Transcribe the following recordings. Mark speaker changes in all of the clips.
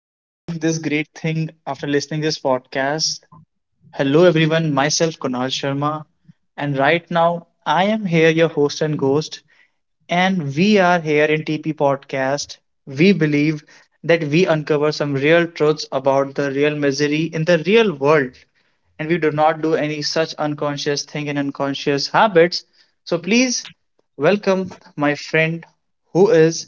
Speaker 1: for doing this great thing after listening this podcast. Hello everyone, myself Kunal Sharma, and right now I am here your host and ghost, and we are here in TP podcast. We believe that we uncover some real truths about the real misery in the real world, and we do not do any such unconscious thing and unconscious habits. So please welcome my friend who is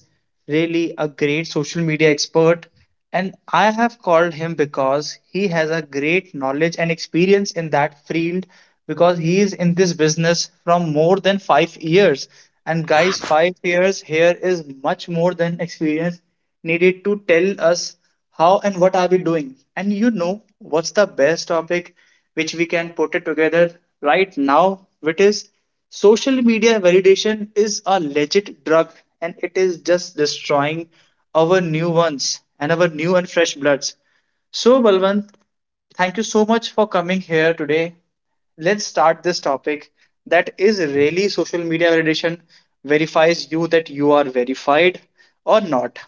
Speaker 1: really a great social media expert. And I have called him because he has a great knowledge and experience in that field because he is in this business from more than 5 years. And guys, 5 years here is much more than experience needed to tell us how and what are we doing. And you know what's the best topic which we can put it together right now, which is social media validation is a legit drug, and it is just destroying our new ones and our new and fresh bloods. So, Balwant, thank you so much for coming here today. Let's start this topic that is really social media validation verifies you that you are verified or not.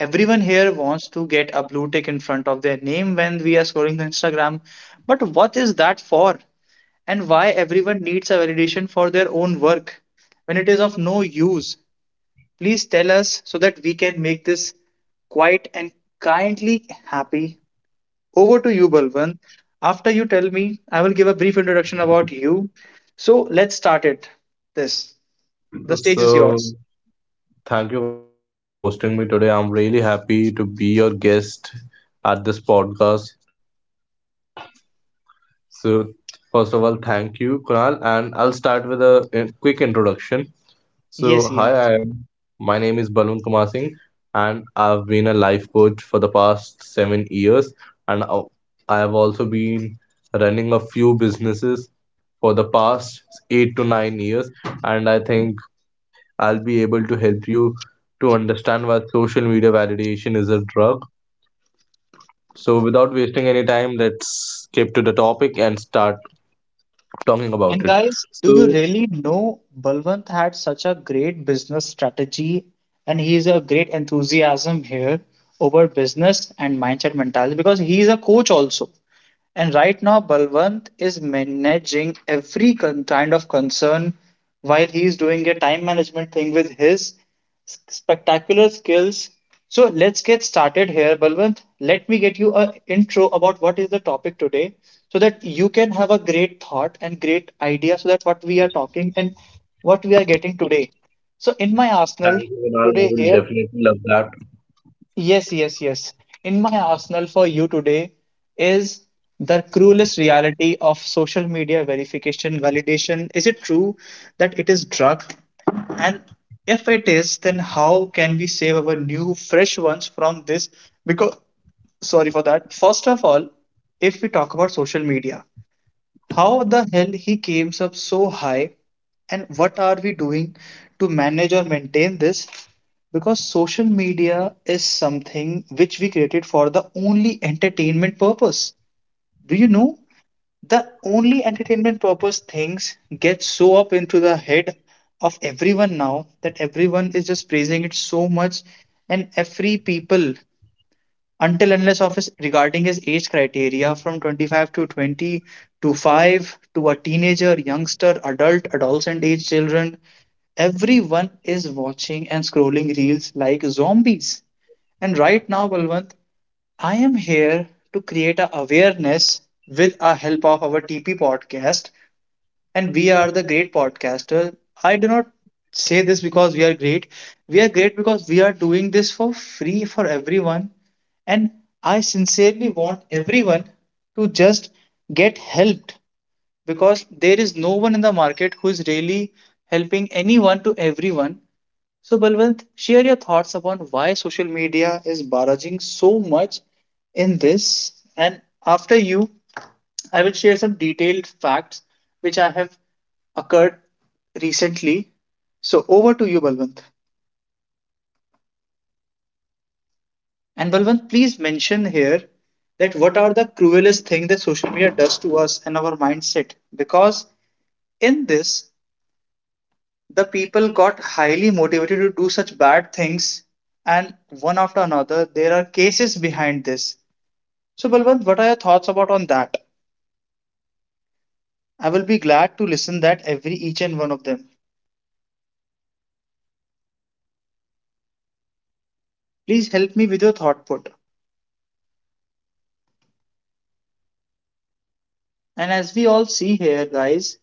Speaker 1: Everyone here wants to get a blue tick in front of their name when we are scrolling the Instagram, but what is that for? And why everyone needs a validation for their own work when it is of no use? Please tell us so that we can make this quite and kindly happy. Over to you, Balwant. After you tell me, I will give a brief introduction about you. So let's start it. This. The stage is
Speaker 2: So,
Speaker 1: yours.
Speaker 2: thank you, Kunal, for hosting me today. I'm really happy to be your guest at this podcast. So, first of all, thank you, Kunal, and I'll start with a quick introduction. So,
Speaker 1: Yes,
Speaker 2: hi,
Speaker 1: yes.
Speaker 2: I am. My name is Balwant Kumar Singh, and I've been a life coach for the past 7 years, and I have also been running a few businesses for the past 8 to 9 years, and I think I'll be able to help you to understand why social media validation is a drug. So, without wasting any time, let's skip to the topic and start talking about
Speaker 1: And
Speaker 2: it.
Speaker 1: guys, do you
Speaker 2: So,
Speaker 1: really know Balwant had such a great business strategy, and he's a great enthusiasm here over business and mindset mentality because he's a coach also. And right now, Balwant is managing every kind of concern while he is doing a time management thing with his spectacular skills. So let's get started here, Balwant. Let me get you a intro about what is the topic today so that you can have a great thought and great idea so that what we are talking and what we are getting today. So in my arsenal
Speaker 2: thank you, Kunal. I
Speaker 1: today
Speaker 2: will
Speaker 1: here,
Speaker 2: definitely love that.
Speaker 1: yes, yes, yes. In my arsenal for you today is the cruelest reality of social media verification validation. Is it true that it is drug? And if it is, then how can we save our new, fresh ones from this? Because, sorry for that. First of all, if we talk about social media, how the hell he came up so high, and what are we doing to manage or maintain this? Because social media is something which we created for the only entertainment purpose. Do you know? The only entertainment purpose things get so up into the head of everyone now that everyone is just praising it so much, and every people until unless of his regarding his age criteria from 25 to 20 to 5 to a teenager youngster adult adolescent age children, everyone is watching and scrolling reels like zombies. And right now Balwant, I am here to create a awareness with our help of our TP podcast, and we are the great podcaster. I do not say this because we are great. We are great because we are doing this for free for everyone, and I sincerely want everyone to just get helped because there is no one in the market who is really helping anyone to everyone. So, Balwant, share your thoughts upon why social media is barraging so much in this. And after you, I will share some detailed facts which I have occurred recently. So, over to you, Balwant. And Balwant, please mention here that what are the cruelest thing that social media does to us and our mindset? Because in this, the people got highly motivated to do such bad things, and one after another, there are cases behind this. So Balwant, what are your thoughts about on that? I will be glad to listen that every each and one of them. Please help me with your thought put. And as we all see here, guys,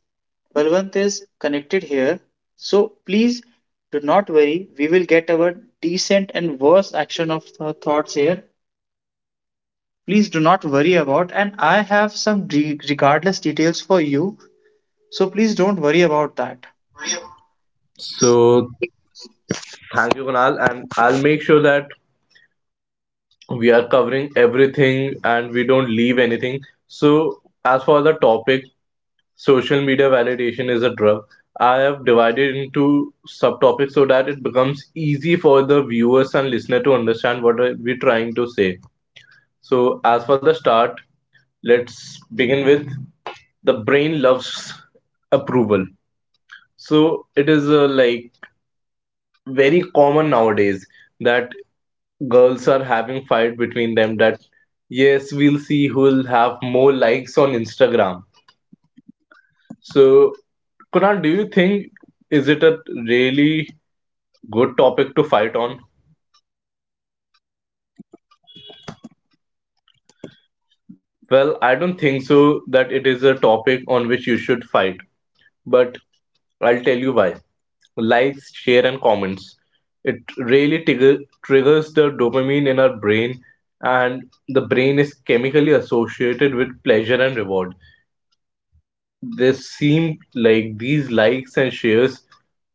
Speaker 1: Balwant is connected here. So please do not worry. We will get our decent and worse action of thoughts here. Please do not worry about. And I have some regardless details for you. So please don't worry about that.
Speaker 2: So, thank you, Kunal. And I'll make sure that we are covering everything and we don't leave anything. So, as for the topic, social media validation is a drug. I have divided into subtopics so that it becomes easy for the viewers and listener to understand what are we trying to say. So as for the start, let's begin with the brain loves approval. So it is like very common nowadays that girls are having fight between them that yes, we'll see who'll have more likes on Instagram. So, Kunal, do you think is it a really good topic to fight on? Well, I don't think so that it is a topic on which you should fight, but I'll tell you why. Likes, share, and comments. It really triggers the dopamine in our brain, and the brain is chemically associated with pleasure and reward. This seemed like these likes and shares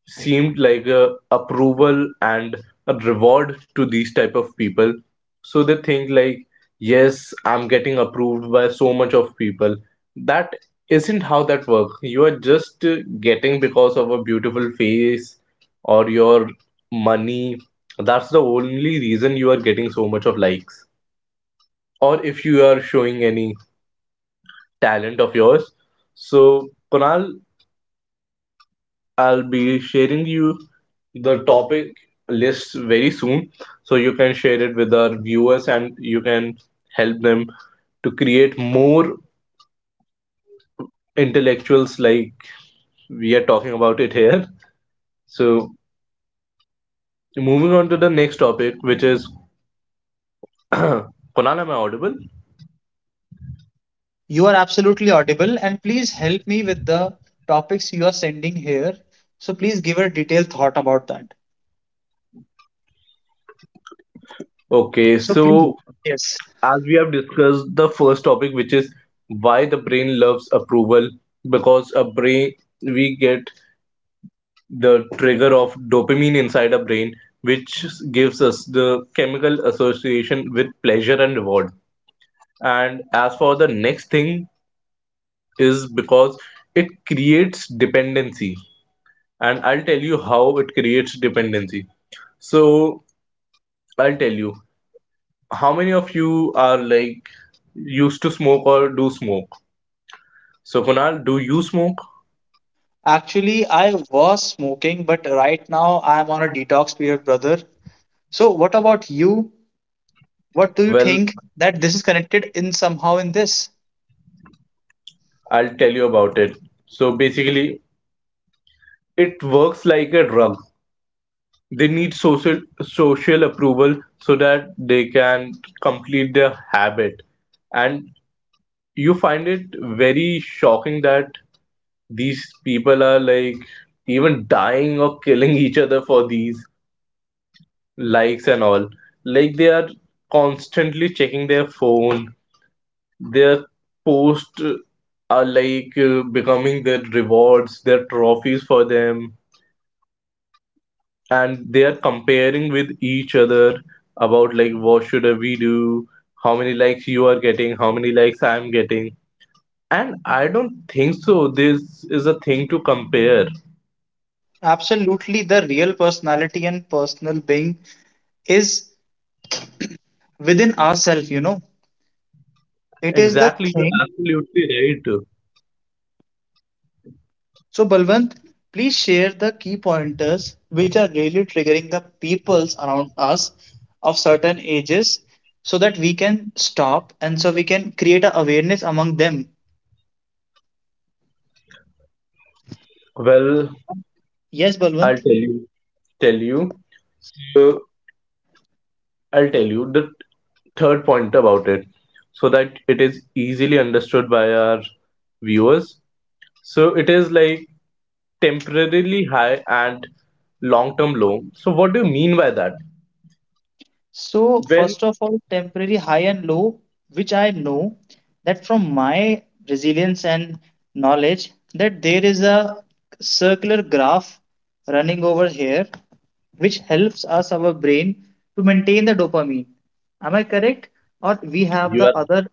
Speaker 2: seemed like a approval and a reward to these type of people, so they think like, yes, I'm getting approved by so much of people. That isn't how that works. You are just getting because of a beautiful face or your money. That's the only reason you are getting so much of likes, or if you are showing any talent of yours. So, Kunal, I'll be sharing you the topic list very soon, so you can share it with our viewers and you can help them to create more intellectuals like we are talking about it here. So, moving on to the next topic, which is Kunal, am I audible?
Speaker 1: You are absolutely audible, and please help me with the topics you are sending here. So please give a detailed thought about that.
Speaker 2: Okay,
Speaker 1: So please,
Speaker 2: so
Speaker 1: yes.
Speaker 2: as we have discussed the first topic, which is why the brain loves approval, because a brain, we get the trigger of dopamine inside our brain, which gives us the chemical association with pleasure and reward. And as for the next thing, is because it creates dependency. And I'll tell you how it creates dependency. So, I'll tell you, how many of you are like used to smoke or do smoke? So, Kunal, do you smoke?
Speaker 1: Actually, I was smoking, but right now I'm on a detox period, brother. So what about you? What do you
Speaker 2: Well,
Speaker 1: think that this is connected in somehow in this?
Speaker 2: I'll tell you about it. So, basically, it works like a drug. They need social approval so that they can complete their habit. And you find it very shocking that these people are like even dying or killing each other for these likes and all. Like they are constantly checking their phone. Their posts are like becoming their rewards, their trophies for them, and they are comparing with each other about like, what should we do, how many likes you are getting, how many likes I am getting. And I don't think so this is a thing to compare.
Speaker 1: Absolutely, the real personality and personal being is within ourselves, you know. It is the
Speaker 2: Exactly, you're
Speaker 1: thing.
Speaker 2: absolutely right.
Speaker 1: So, Balwant, please share the key pointers which are really triggering the peoples around us of certain ages so that we can stop and so we can create a awareness among them.
Speaker 2: Well,
Speaker 1: Yes, Balwant.
Speaker 2: i'll tell you tell you uh, I'll tell you the third point about it so that it is easily understood by our viewers. So it is like temporarily high and long term low. So what do you mean by that?
Speaker 1: So,
Speaker 2: When
Speaker 1: first of all, temporary high and low, which I know that from my resilience and knowledge, that there is a circular graph running over here, which helps us, our brain, to maintain the dopamine. Am I correct? Or we have
Speaker 2: you
Speaker 1: the
Speaker 2: are,
Speaker 1: other?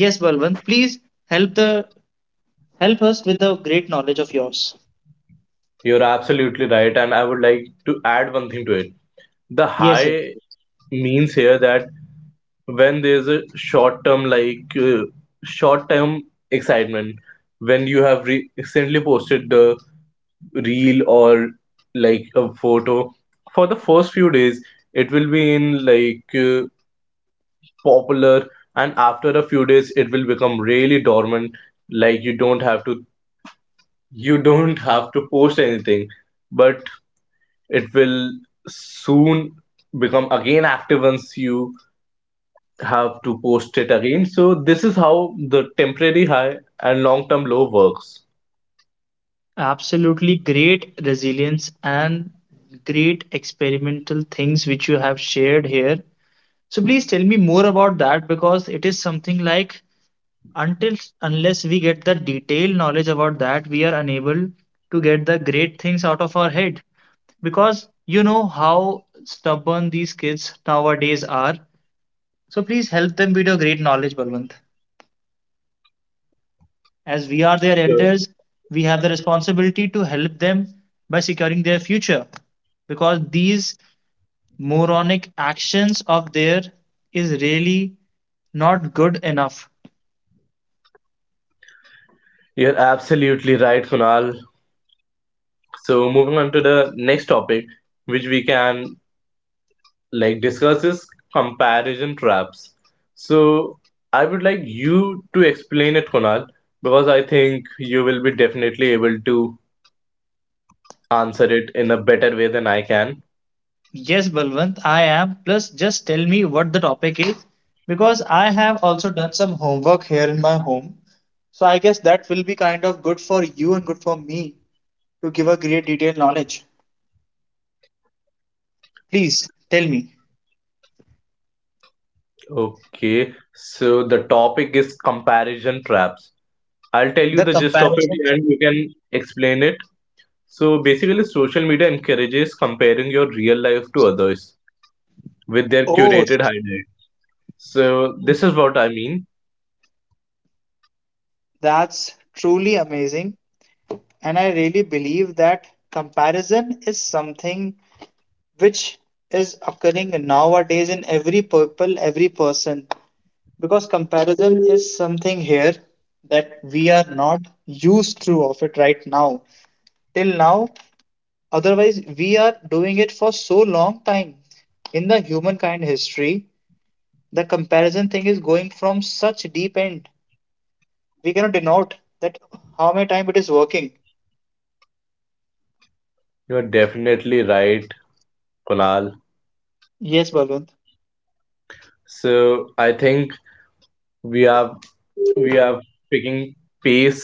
Speaker 1: Yes, Balwant, please help the help us with the great knowledge of yours.
Speaker 2: you're absolutely right, and I would like to add one thing to it. The
Speaker 1: Yes, yes.
Speaker 2: high means here that when there's a short term excitement, when you have recently posted the reel or like a photo, for the first few days it will be in popular, and after a few days it will become really dormant. Like you don't have to, you don't have to post anything, but it will soon become again active once you have to post it again. So this is how the temporary high and long term low works.
Speaker 1: Absolutely great resilience and great experimental things which you have shared here. So please tell me more about that because it is something like until unless we get the detailed knowledge about that, we are unable to get the great things out of our head because you know how stubborn these kids nowadays are. So please help them with your great knowledge, Balwant. As we are their
Speaker 2: So
Speaker 1: elders, we have the responsibility to help them by securing their future because these moronic actions of theirs is really not good enough.
Speaker 2: you're absolutely right, Kunal. So moving on to the next topic, which we can like discuss, is comparison traps. So I would like you to explain it, Kunal, because I think you will be definitely able to answer it in a better way than I can.
Speaker 1: Yes, Balwant, I am. Plus, just tell me what the topic is because I have also done some homework here in my home. So I guess that will be kind of good for you and good for me to give a great detailed knowledge. Please tell me
Speaker 2: Okay, so the topic is comparison traps. I'll tell you
Speaker 1: the
Speaker 2: the gist of it
Speaker 1: comparison.
Speaker 2: and you can explain it. So basically, social media encourages comparing your real life to others with their
Speaker 1: Oh,
Speaker 2: curated highlight. So this is what I mean.
Speaker 1: that's truly amazing. And I really believe that comparison is something which is occurring nowadays in every people, every person. Because comparison is something here that we are not used to of it right now. Till now, otherwise we are doing it for so long time. In the humankind history, the comparison thing is going from such deep end. We cannot denote that how many time it is working.
Speaker 2: You're definitely right, Kunal.
Speaker 1: Yes, Balwant.
Speaker 2: So I think we are we are picking pace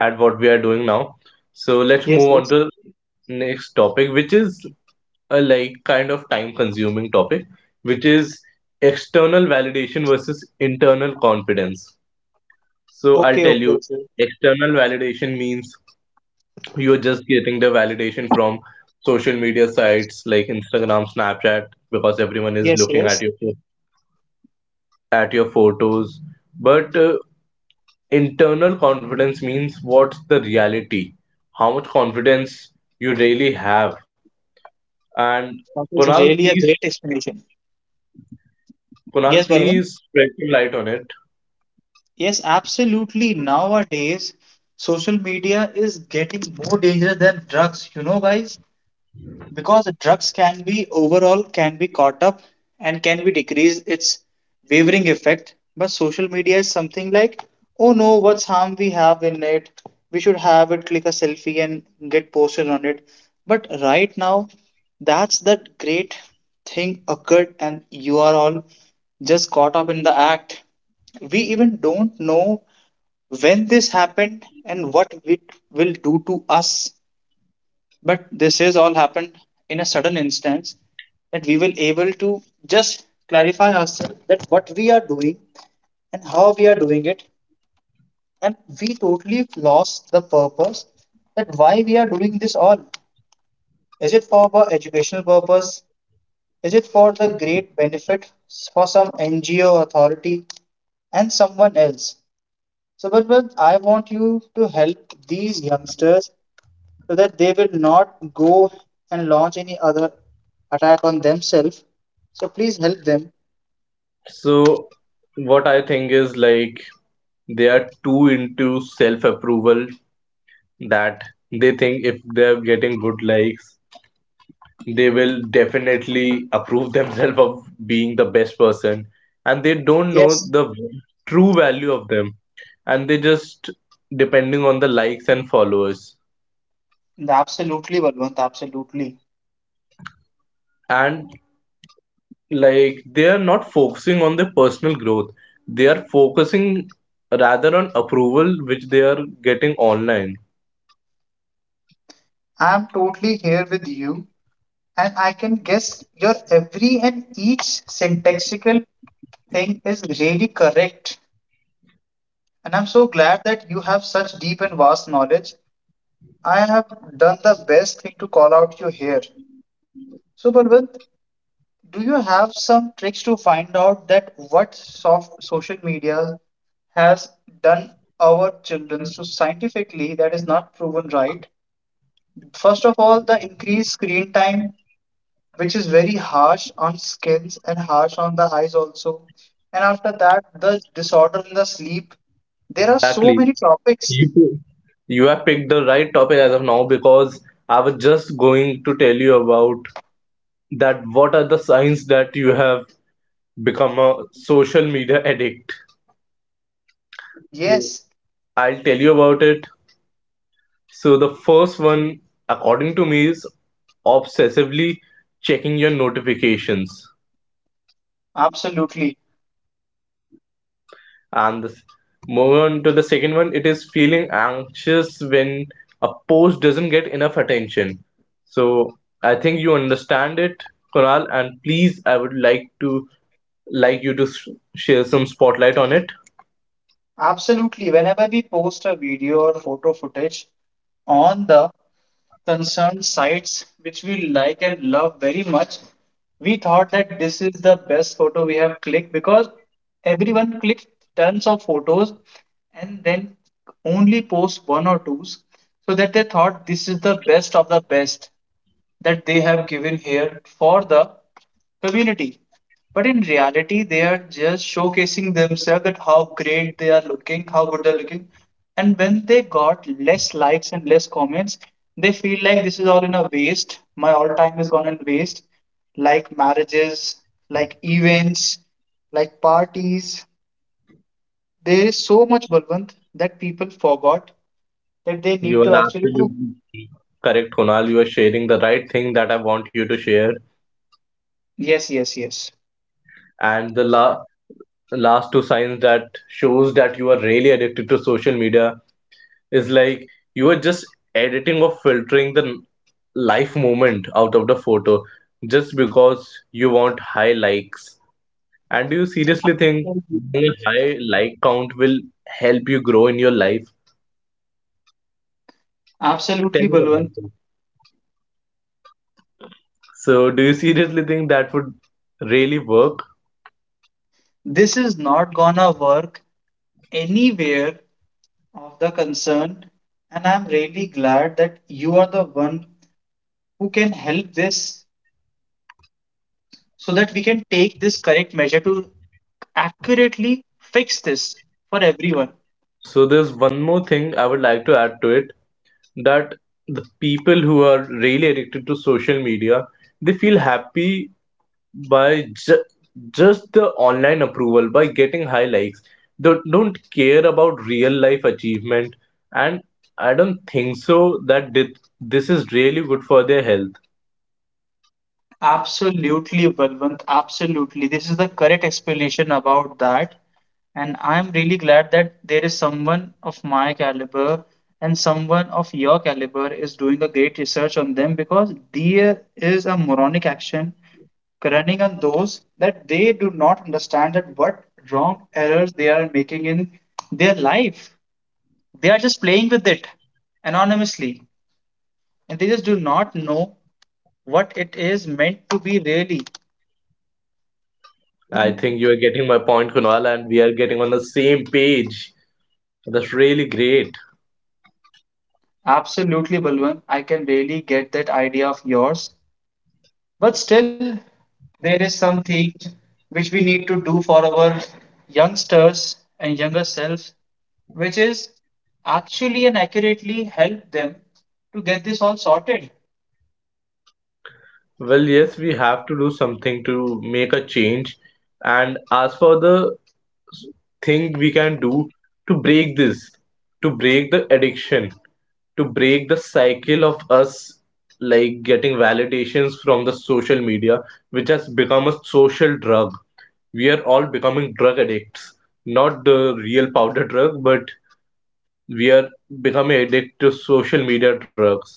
Speaker 2: at what we are doing now. So let's
Speaker 1: Yes,
Speaker 2: move on
Speaker 1: yes.
Speaker 2: to next topic, which is a like kind of time consuming topic, which is external validation versus internal confidence. So I'll
Speaker 1: Okay,
Speaker 2: tell
Speaker 1: okay,
Speaker 2: you,
Speaker 1: okay.
Speaker 2: external validation means you're just getting the validation from social media sites like Instagram, Snapchat, because everyone is
Speaker 1: Yes,
Speaker 2: looking
Speaker 1: yes.
Speaker 2: at your photos. But internal confidence means what's the reality, how much confidence you really have. And
Speaker 1: That is
Speaker 2: Kunal,
Speaker 1: really a
Speaker 2: please,
Speaker 1: great explanation.
Speaker 2: Kunal,
Speaker 1: Yes, Balwant.
Speaker 2: please spread some light on it.
Speaker 1: Yes, absolutely. Nowadays, social media is getting more dangerous than drugs. You know, guys, because drugs can be overall can be caught up and can be decreased its wavering effect, but social media is something like, oh no, what's harm we have in it? We should have it, click a selfie and get posted on it. But right now, that's that great thing occurred and you are all just caught up in the act. We even don't know when this happened and what it will do to us, but this is all happened in a sudden instance that we will able to just clarify ourselves that what we are doing and how we are doing it. And we totally lost the purpose that why we are doing this all. Is it for our educational purpose? Is it for the great benefit for some NGO authority and someone else? So but I want you to help these youngsters so that they will not go and launch any other attack on themselves. So please help them.
Speaker 2: So, what I think is like they are too into self approval, that they think if they're getting good likes, they will definitely approve themselves of being the best person. And they don't know
Speaker 1: Yes,
Speaker 2: the true value of them. And they just depending on the likes and followers.
Speaker 1: absolutely, Balwant, absolutely.
Speaker 2: And like they are not focusing on their personal growth, they are focusing rather on approval which they are getting online.
Speaker 1: I'm totally here with you, and I can guess your every and each syntaxical thing is really correct. And I'm so glad that you have such deep and vast knowledge. I have done the best thing to call out you here. So, Balwant, do you have some tricks to find out that what soft social media has done our children so scientifically that is not proven right? First of all, the increased screen time, which is very harsh on skins and harsh on the eyes also. And after that, the disorder in the sleep. There are so
Speaker 2: Exactly.
Speaker 1: many topics.
Speaker 2: You you have picked the right topic as of now because I was just going to tell you about that, what are the signs that you have become a social media addict.
Speaker 1: Yes,
Speaker 2: Yeah. I'll tell you about it. So the first one, according to me, is obsessively checking your notifications.
Speaker 1: absolutely.
Speaker 2: And this move on to the second one, it is feeling anxious when a post doesn't get enough attention. So I think you understand it, Kunal, and please, I would like to like you to s- share some spotlight on it.
Speaker 1: Absolutely. Whenever we post a video or photo footage on the concerned sites, which we like and love very much, we thought that this is the best photo we have clicked because everyone clicks tons of photos and then only post one or two so that they thought this is the best of the best that they have given here for the community. But in reality, they are just showcasing themselves that how great they are looking, how good they're looking. And when they got less likes and less comments, they feel like this is all in a waste. My all time is gone in waste. Like marriages, like events, like parties. There is so much Balwant that people forgot that they
Speaker 2: You
Speaker 1: need to
Speaker 2: are
Speaker 1: actually do.
Speaker 2: absolutely correct, Kunal. You are sharing the right thing that I want you to share.
Speaker 1: Yes, yes, yes.
Speaker 2: And last two signs that shows that you are really addicted to social media is like you are just editing or filtering the life moment out of the photo just because you want high likes. And do you seriously think having a high like count will help you grow in your life? Tell
Speaker 1: Absolutely,
Speaker 2: me about
Speaker 1: Balwant.
Speaker 2: it. So, do you seriously think that would really work?
Speaker 1: This is not gonna work anywhere of the concern, and I'm really glad that you are the one who can help this so that we can take this correct measure to accurately fix this for everyone.
Speaker 2: So, there's one more thing I would like to add to it, that the people who are really addicted to social media, they feel happy by just the online approval, by getting high likes. They don't care about real life achievement. And I don't think so that this is really good for their health.
Speaker 1: Absolutely, Balwant, absolutely. This is the correct explanation about that. And I'm really glad that there is someone of my caliber and someone of your caliber is doing a great research on them because there is a moronic action running on those that they do not understand that what wrong errors they are making in their life. They are just playing with it anonymously and they just do not know what it is meant to be really.
Speaker 2: I think you are getting my point, Kunal, and we are getting on the same page. That's really great.
Speaker 1: Absolutely, Balwant. I can really get that idea of yours. But still, there is something which we need to do for our youngsters and younger selves, which is actually and accurately help them to get this all sorted.
Speaker 2: Well, yes, we have to do something to make a change. And as for the thing we can do to break this, to break the addiction, to break the cycle of us like getting validations from the social media, which has become a social drug. We are all becoming drug addicts, not the real powder drug, but we are becoming addicted to social media drugs.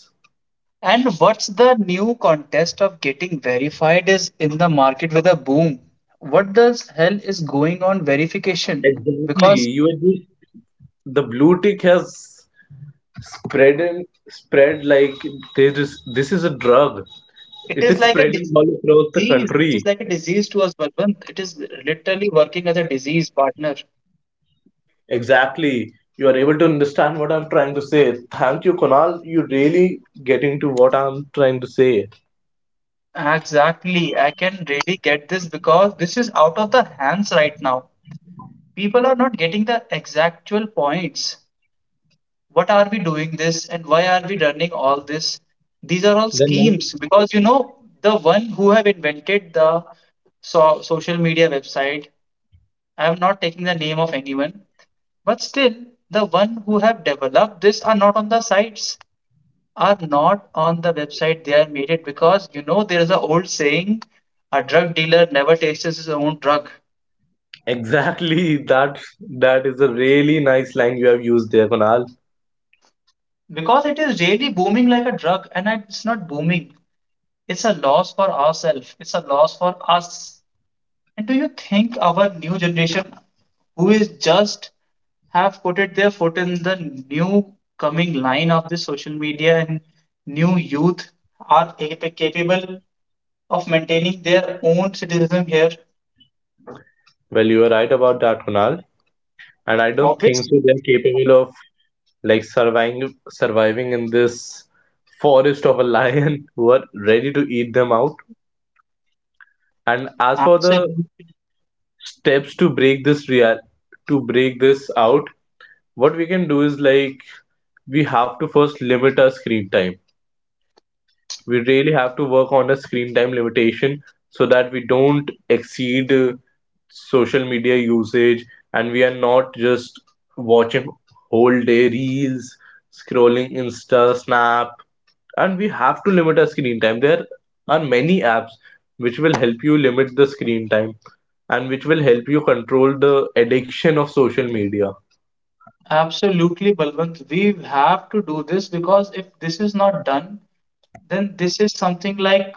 Speaker 1: And what's the new contest of getting verified is in the market with a boom. What the hell is going on verification?
Speaker 2: Exactly.
Speaker 1: Because
Speaker 2: You are just the blue tick has spread spread like, this is, this is a drug.
Speaker 1: it
Speaker 2: It
Speaker 1: is
Speaker 2: is
Speaker 1: like a
Speaker 2: spreading all
Speaker 1: disease. It
Speaker 2: across
Speaker 1: is
Speaker 2: the
Speaker 1: like a
Speaker 2: country.
Speaker 1: disease to us, Balwant. It is literally working as a disease partner.
Speaker 2: Exactly, you are able to understand what I'm trying to say. Thank you, Kunal. You really getting to what I'm trying to say.
Speaker 1: Exactly. I can really get this because this is out of the hands right now. People are not getting the exactual points. What are we doing this and why are we running all this? These are all
Speaker 2: Then what-
Speaker 1: schemes because the one who have invented the so social media website. I am not taking the name of anyone, but still the one who have developed this are not on the sites, are not on the website, they are made it because there is an old saying, a drug dealer never tastes his own drug.
Speaker 2: exactly, that, that is a really nice line you have used there, Kunal.
Speaker 1: Because it is really booming like a drug, and it's not booming, it's a loss for ourselves, it's a loss for us. And do you think our new generation who is just have put it their foot in the new coming line of the social media and new youth are capable of maintaining their own citizenism here?
Speaker 2: Well, you are right about that, Kunal, and I don't think
Speaker 1: Obviously.
Speaker 2: so they're capable of like surviving in this forest of a lion who are ready to eat them out. And as for the
Speaker 1: Absolutely,
Speaker 2: steps to break this real to break this out, what we can do is like, we have to first limit our screen time. We really have to work on a screen time limitation so that we don't exceed social media usage, and we are not just watching whole day reels, scrolling Insta, Snap, and we have to limit our screen time. There are many apps which will help you limit the screen time and which will help you control the addiction of social media.
Speaker 1: absolutely, Balwant. We have to do this because if this is not done, then this is something like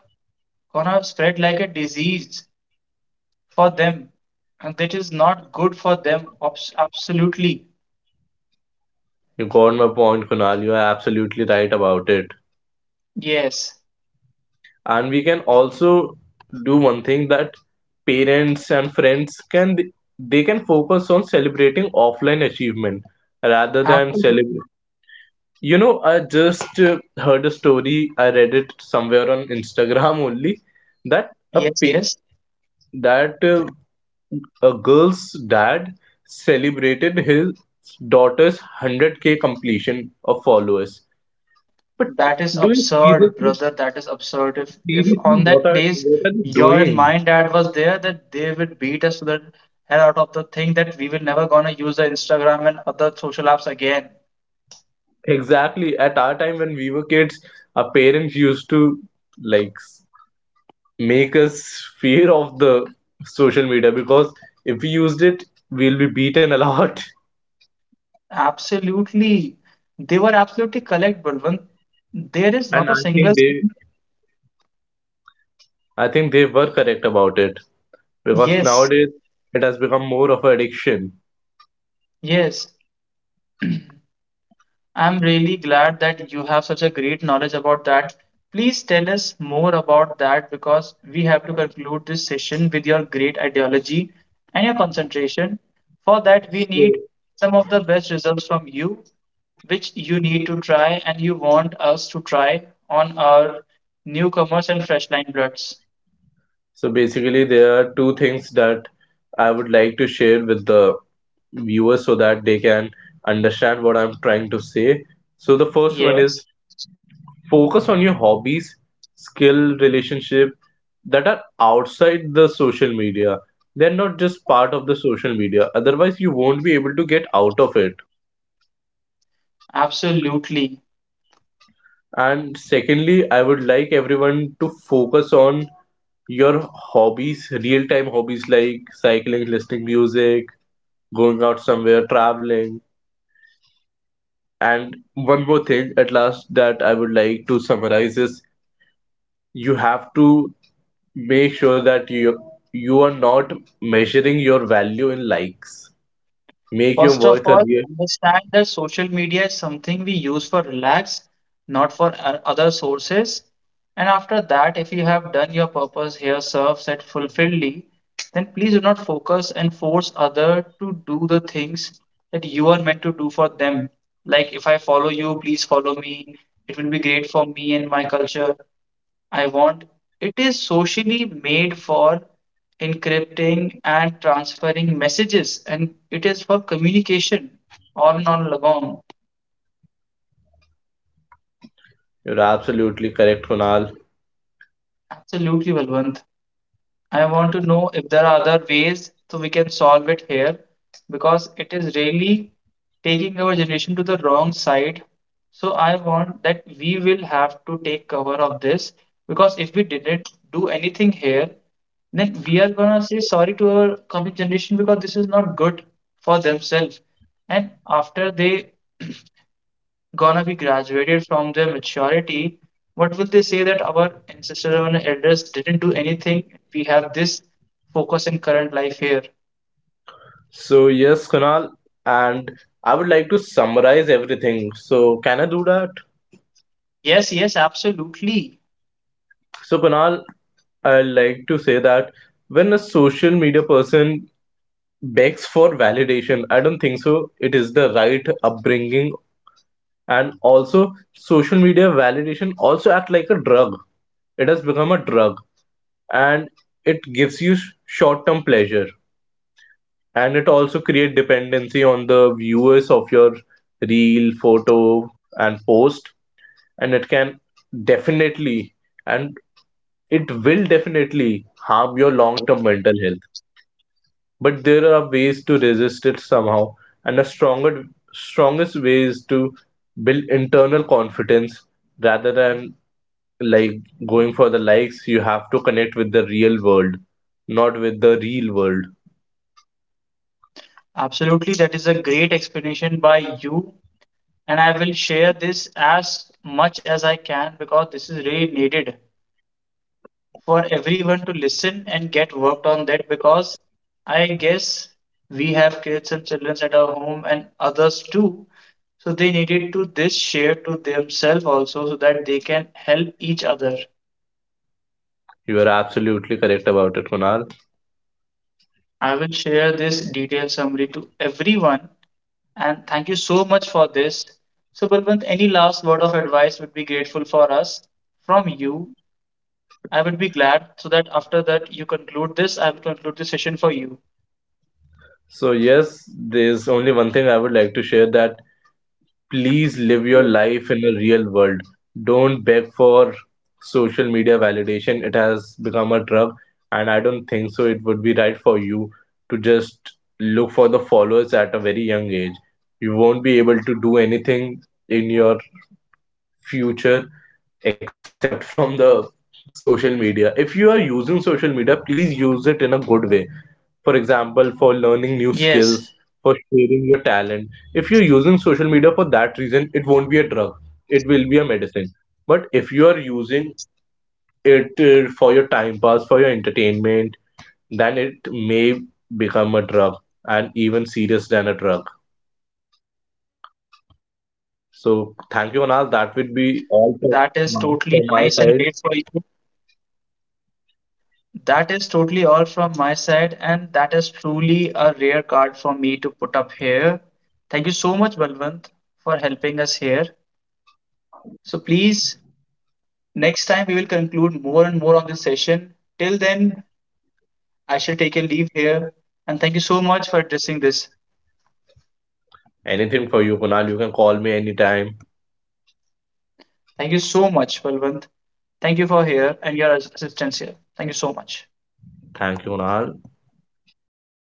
Speaker 1: gonna spread like a disease for them, and that is not good for them. Absolutely,
Speaker 2: You got my point, Kunal. You are absolutely right about it.
Speaker 1: yes,
Speaker 2: And we can also do one thing, that parents and friends can, they can focus on celebrating offline achievement rather than
Speaker 1: absolutely,
Speaker 2: celebrate. You know, I just heard a story. I read it somewhere on Instagram only that
Speaker 1: yes, yes.
Speaker 2: that uh, a girl's dad celebrated his daughter's 100k completion of followers. But
Speaker 1: That is
Speaker 2: do you
Speaker 1: absurd,
Speaker 2: seriously,
Speaker 1: brother. That is absurd. If
Speaker 2: seriously,
Speaker 1: on
Speaker 2: what
Speaker 1: that
Speaker 2: are,
Speaker 1: place
Speaker 2: what are they
Speaker 1: your and
Speaker 2: doing?
Speaker 1: my dad was there, that they would beat us to the hell out of the thing that we will never gonna use the Instagram and other social apps again.
Speaker 2: Exactly. At our time when we were kids, our parents used to like s- make us fear of the social media, because if we used it, we'll be beaten a lot.
Speaker 1: Absolutely. They were absolutely correct, Balwant. There is not
Speaker 2: And
Speaker 1: a single.
Speaker 2: I think they were correct about it, because
Speaker 1: Yes,
Speaker 2: nowadays it has become more of an addiction.
Speaker 1: yes. I'm really glad that you have such a great knowledge about that. Please tell us more about that because we have to conclude this session with your great ideology and your concentration. For that, we need
Speaker 2: So.
Speaker 1: some of the best results from you, which you need to try and you want us to try on our newcomers and fresh line bloods.
Speaker 2: So basically, there are two things that I would like to share with the viewers so that they can understand what I'm trying to say. So the first one is
Speaker 1: Yes.
Speaker 2: focus on your hobbies, skill, relationship that are outside the social media. They're not just part of the social media. Otherwise, you won't be able to get out of it.
Speaker 1: Absolutely.
Speaker 2: And secondly, I would like everyone to focus on your hobbies, real time hobbies like cycling, listening music, going out somewhere, traveling. And one more thing, at last, that I would like to summarize is, you have to make sure that you are not measuring your value in likes. Make your
Speaker 1: First of
Speaker 2: worth a
Speaker 1: all,
Speaker 2: real.
Speaker 1: understand that social media is something we use for relax, not for other sources. And after that, if you have done your purpose here, serves it fulfilledly, then please do not focus and force other to do the things that you are meant to do for them. Like if I follow you, please follow me. It will be great for me and my culture. I want. It is socially made for encrypting and transferring messages, and it is for communication. All non lagong.
Speaker 2: You're absolutely correct, Kunal.
Speaker 1: Absolutely, Balwant. I want to know if there are other ways so we can solve it here because it is really taking our generation to the wrong side. So I want that we will have to take cover of this because if we didn't do anything here, then we are gonna say sorry to our coming generation because this is not good for themselves. And after they gonna be graduated from their maturity, what will they say that our ancestors and elders didn't do anything? We have this focus in current life here.
Speaker 2: So yes, Kunal, and I would like to summarize everything. So can I do that?
Speaker 1: Yes, yes, absolutely.
Speaker 2: So Kunal, I like to say that when a social media person begs for validation, I don't think so it is the right upbringing. And also social media validation also act like a drug. It has become a drug, and it gives you short-term pleasure, and it also create dependency on the viewers of your reel, photo and post, and it can definitely, and it will definitely harm your long-term mental health. But there are ways to resist it somehow, and the stronger strongest way is to build internal confidence rather than like going for the likes. You have to connect with the real world, not with the real world.
Speaker 1: Absolutely. That is a great explanation by you. And I will share this as much as I can because this is really needed for everyone to listen and get worked on that because I guess we have kids and children at our home and others too. So they needed to this share to themselves also so that they can help each other.
Speaker 2: You are absolutely correct about it, Kunal.
Speaker 1: I will share this detailed summary to everyone, and thank you so much for this. So Balwant, any last word of advice would be grateful for us from you. I would be glad so that after that you conclude this, I will conclude the session for you.
Speaker 2: So yes, there's only one thing I would like to share, that please live your life in the real world. Don't beg for social media validation. It has become a drug, and I don't think so it would be right for you to just look for the followers at a very young age. You won't be able to do anything in your future except from the social media. If you are using social media, please use it in a good way, for example, for learning new
Speaker 1: Yes.
Speaker 2: skills, for sharing your talent. If you're using social media for that reason, it won't be a drug, it will be a medicine. But if you are using it for your time pass, for your entertainment, then it may become a drug and even serious than a drug. So
Speaker 1: That is
Speaker 2: thank you, Anal,
Speaker 1: totally
Speaker 2: that
Speaker 1: nice
Speaker 2: would
Speaker 1: and
Speaker 2: be
Speaker 1: great for you.
Speaker 2: all for- from my side.
Speaker 1: That is totally all from my side, and that is truly a rare card for me to put up here. Thank you so much, Balwant, for helping us here. So please, next time we will conclude more and more on this session. Till then, I shall take a leave here, and thank you so much for addressing this.
Speaker 2: Anything for you, Kunal. You can call me anytime.
Speaker 1: Thank you so much, Balwant. Thank you for here and your assistance here. Thank you so much.
Speaker 2: Thank you, Kunal.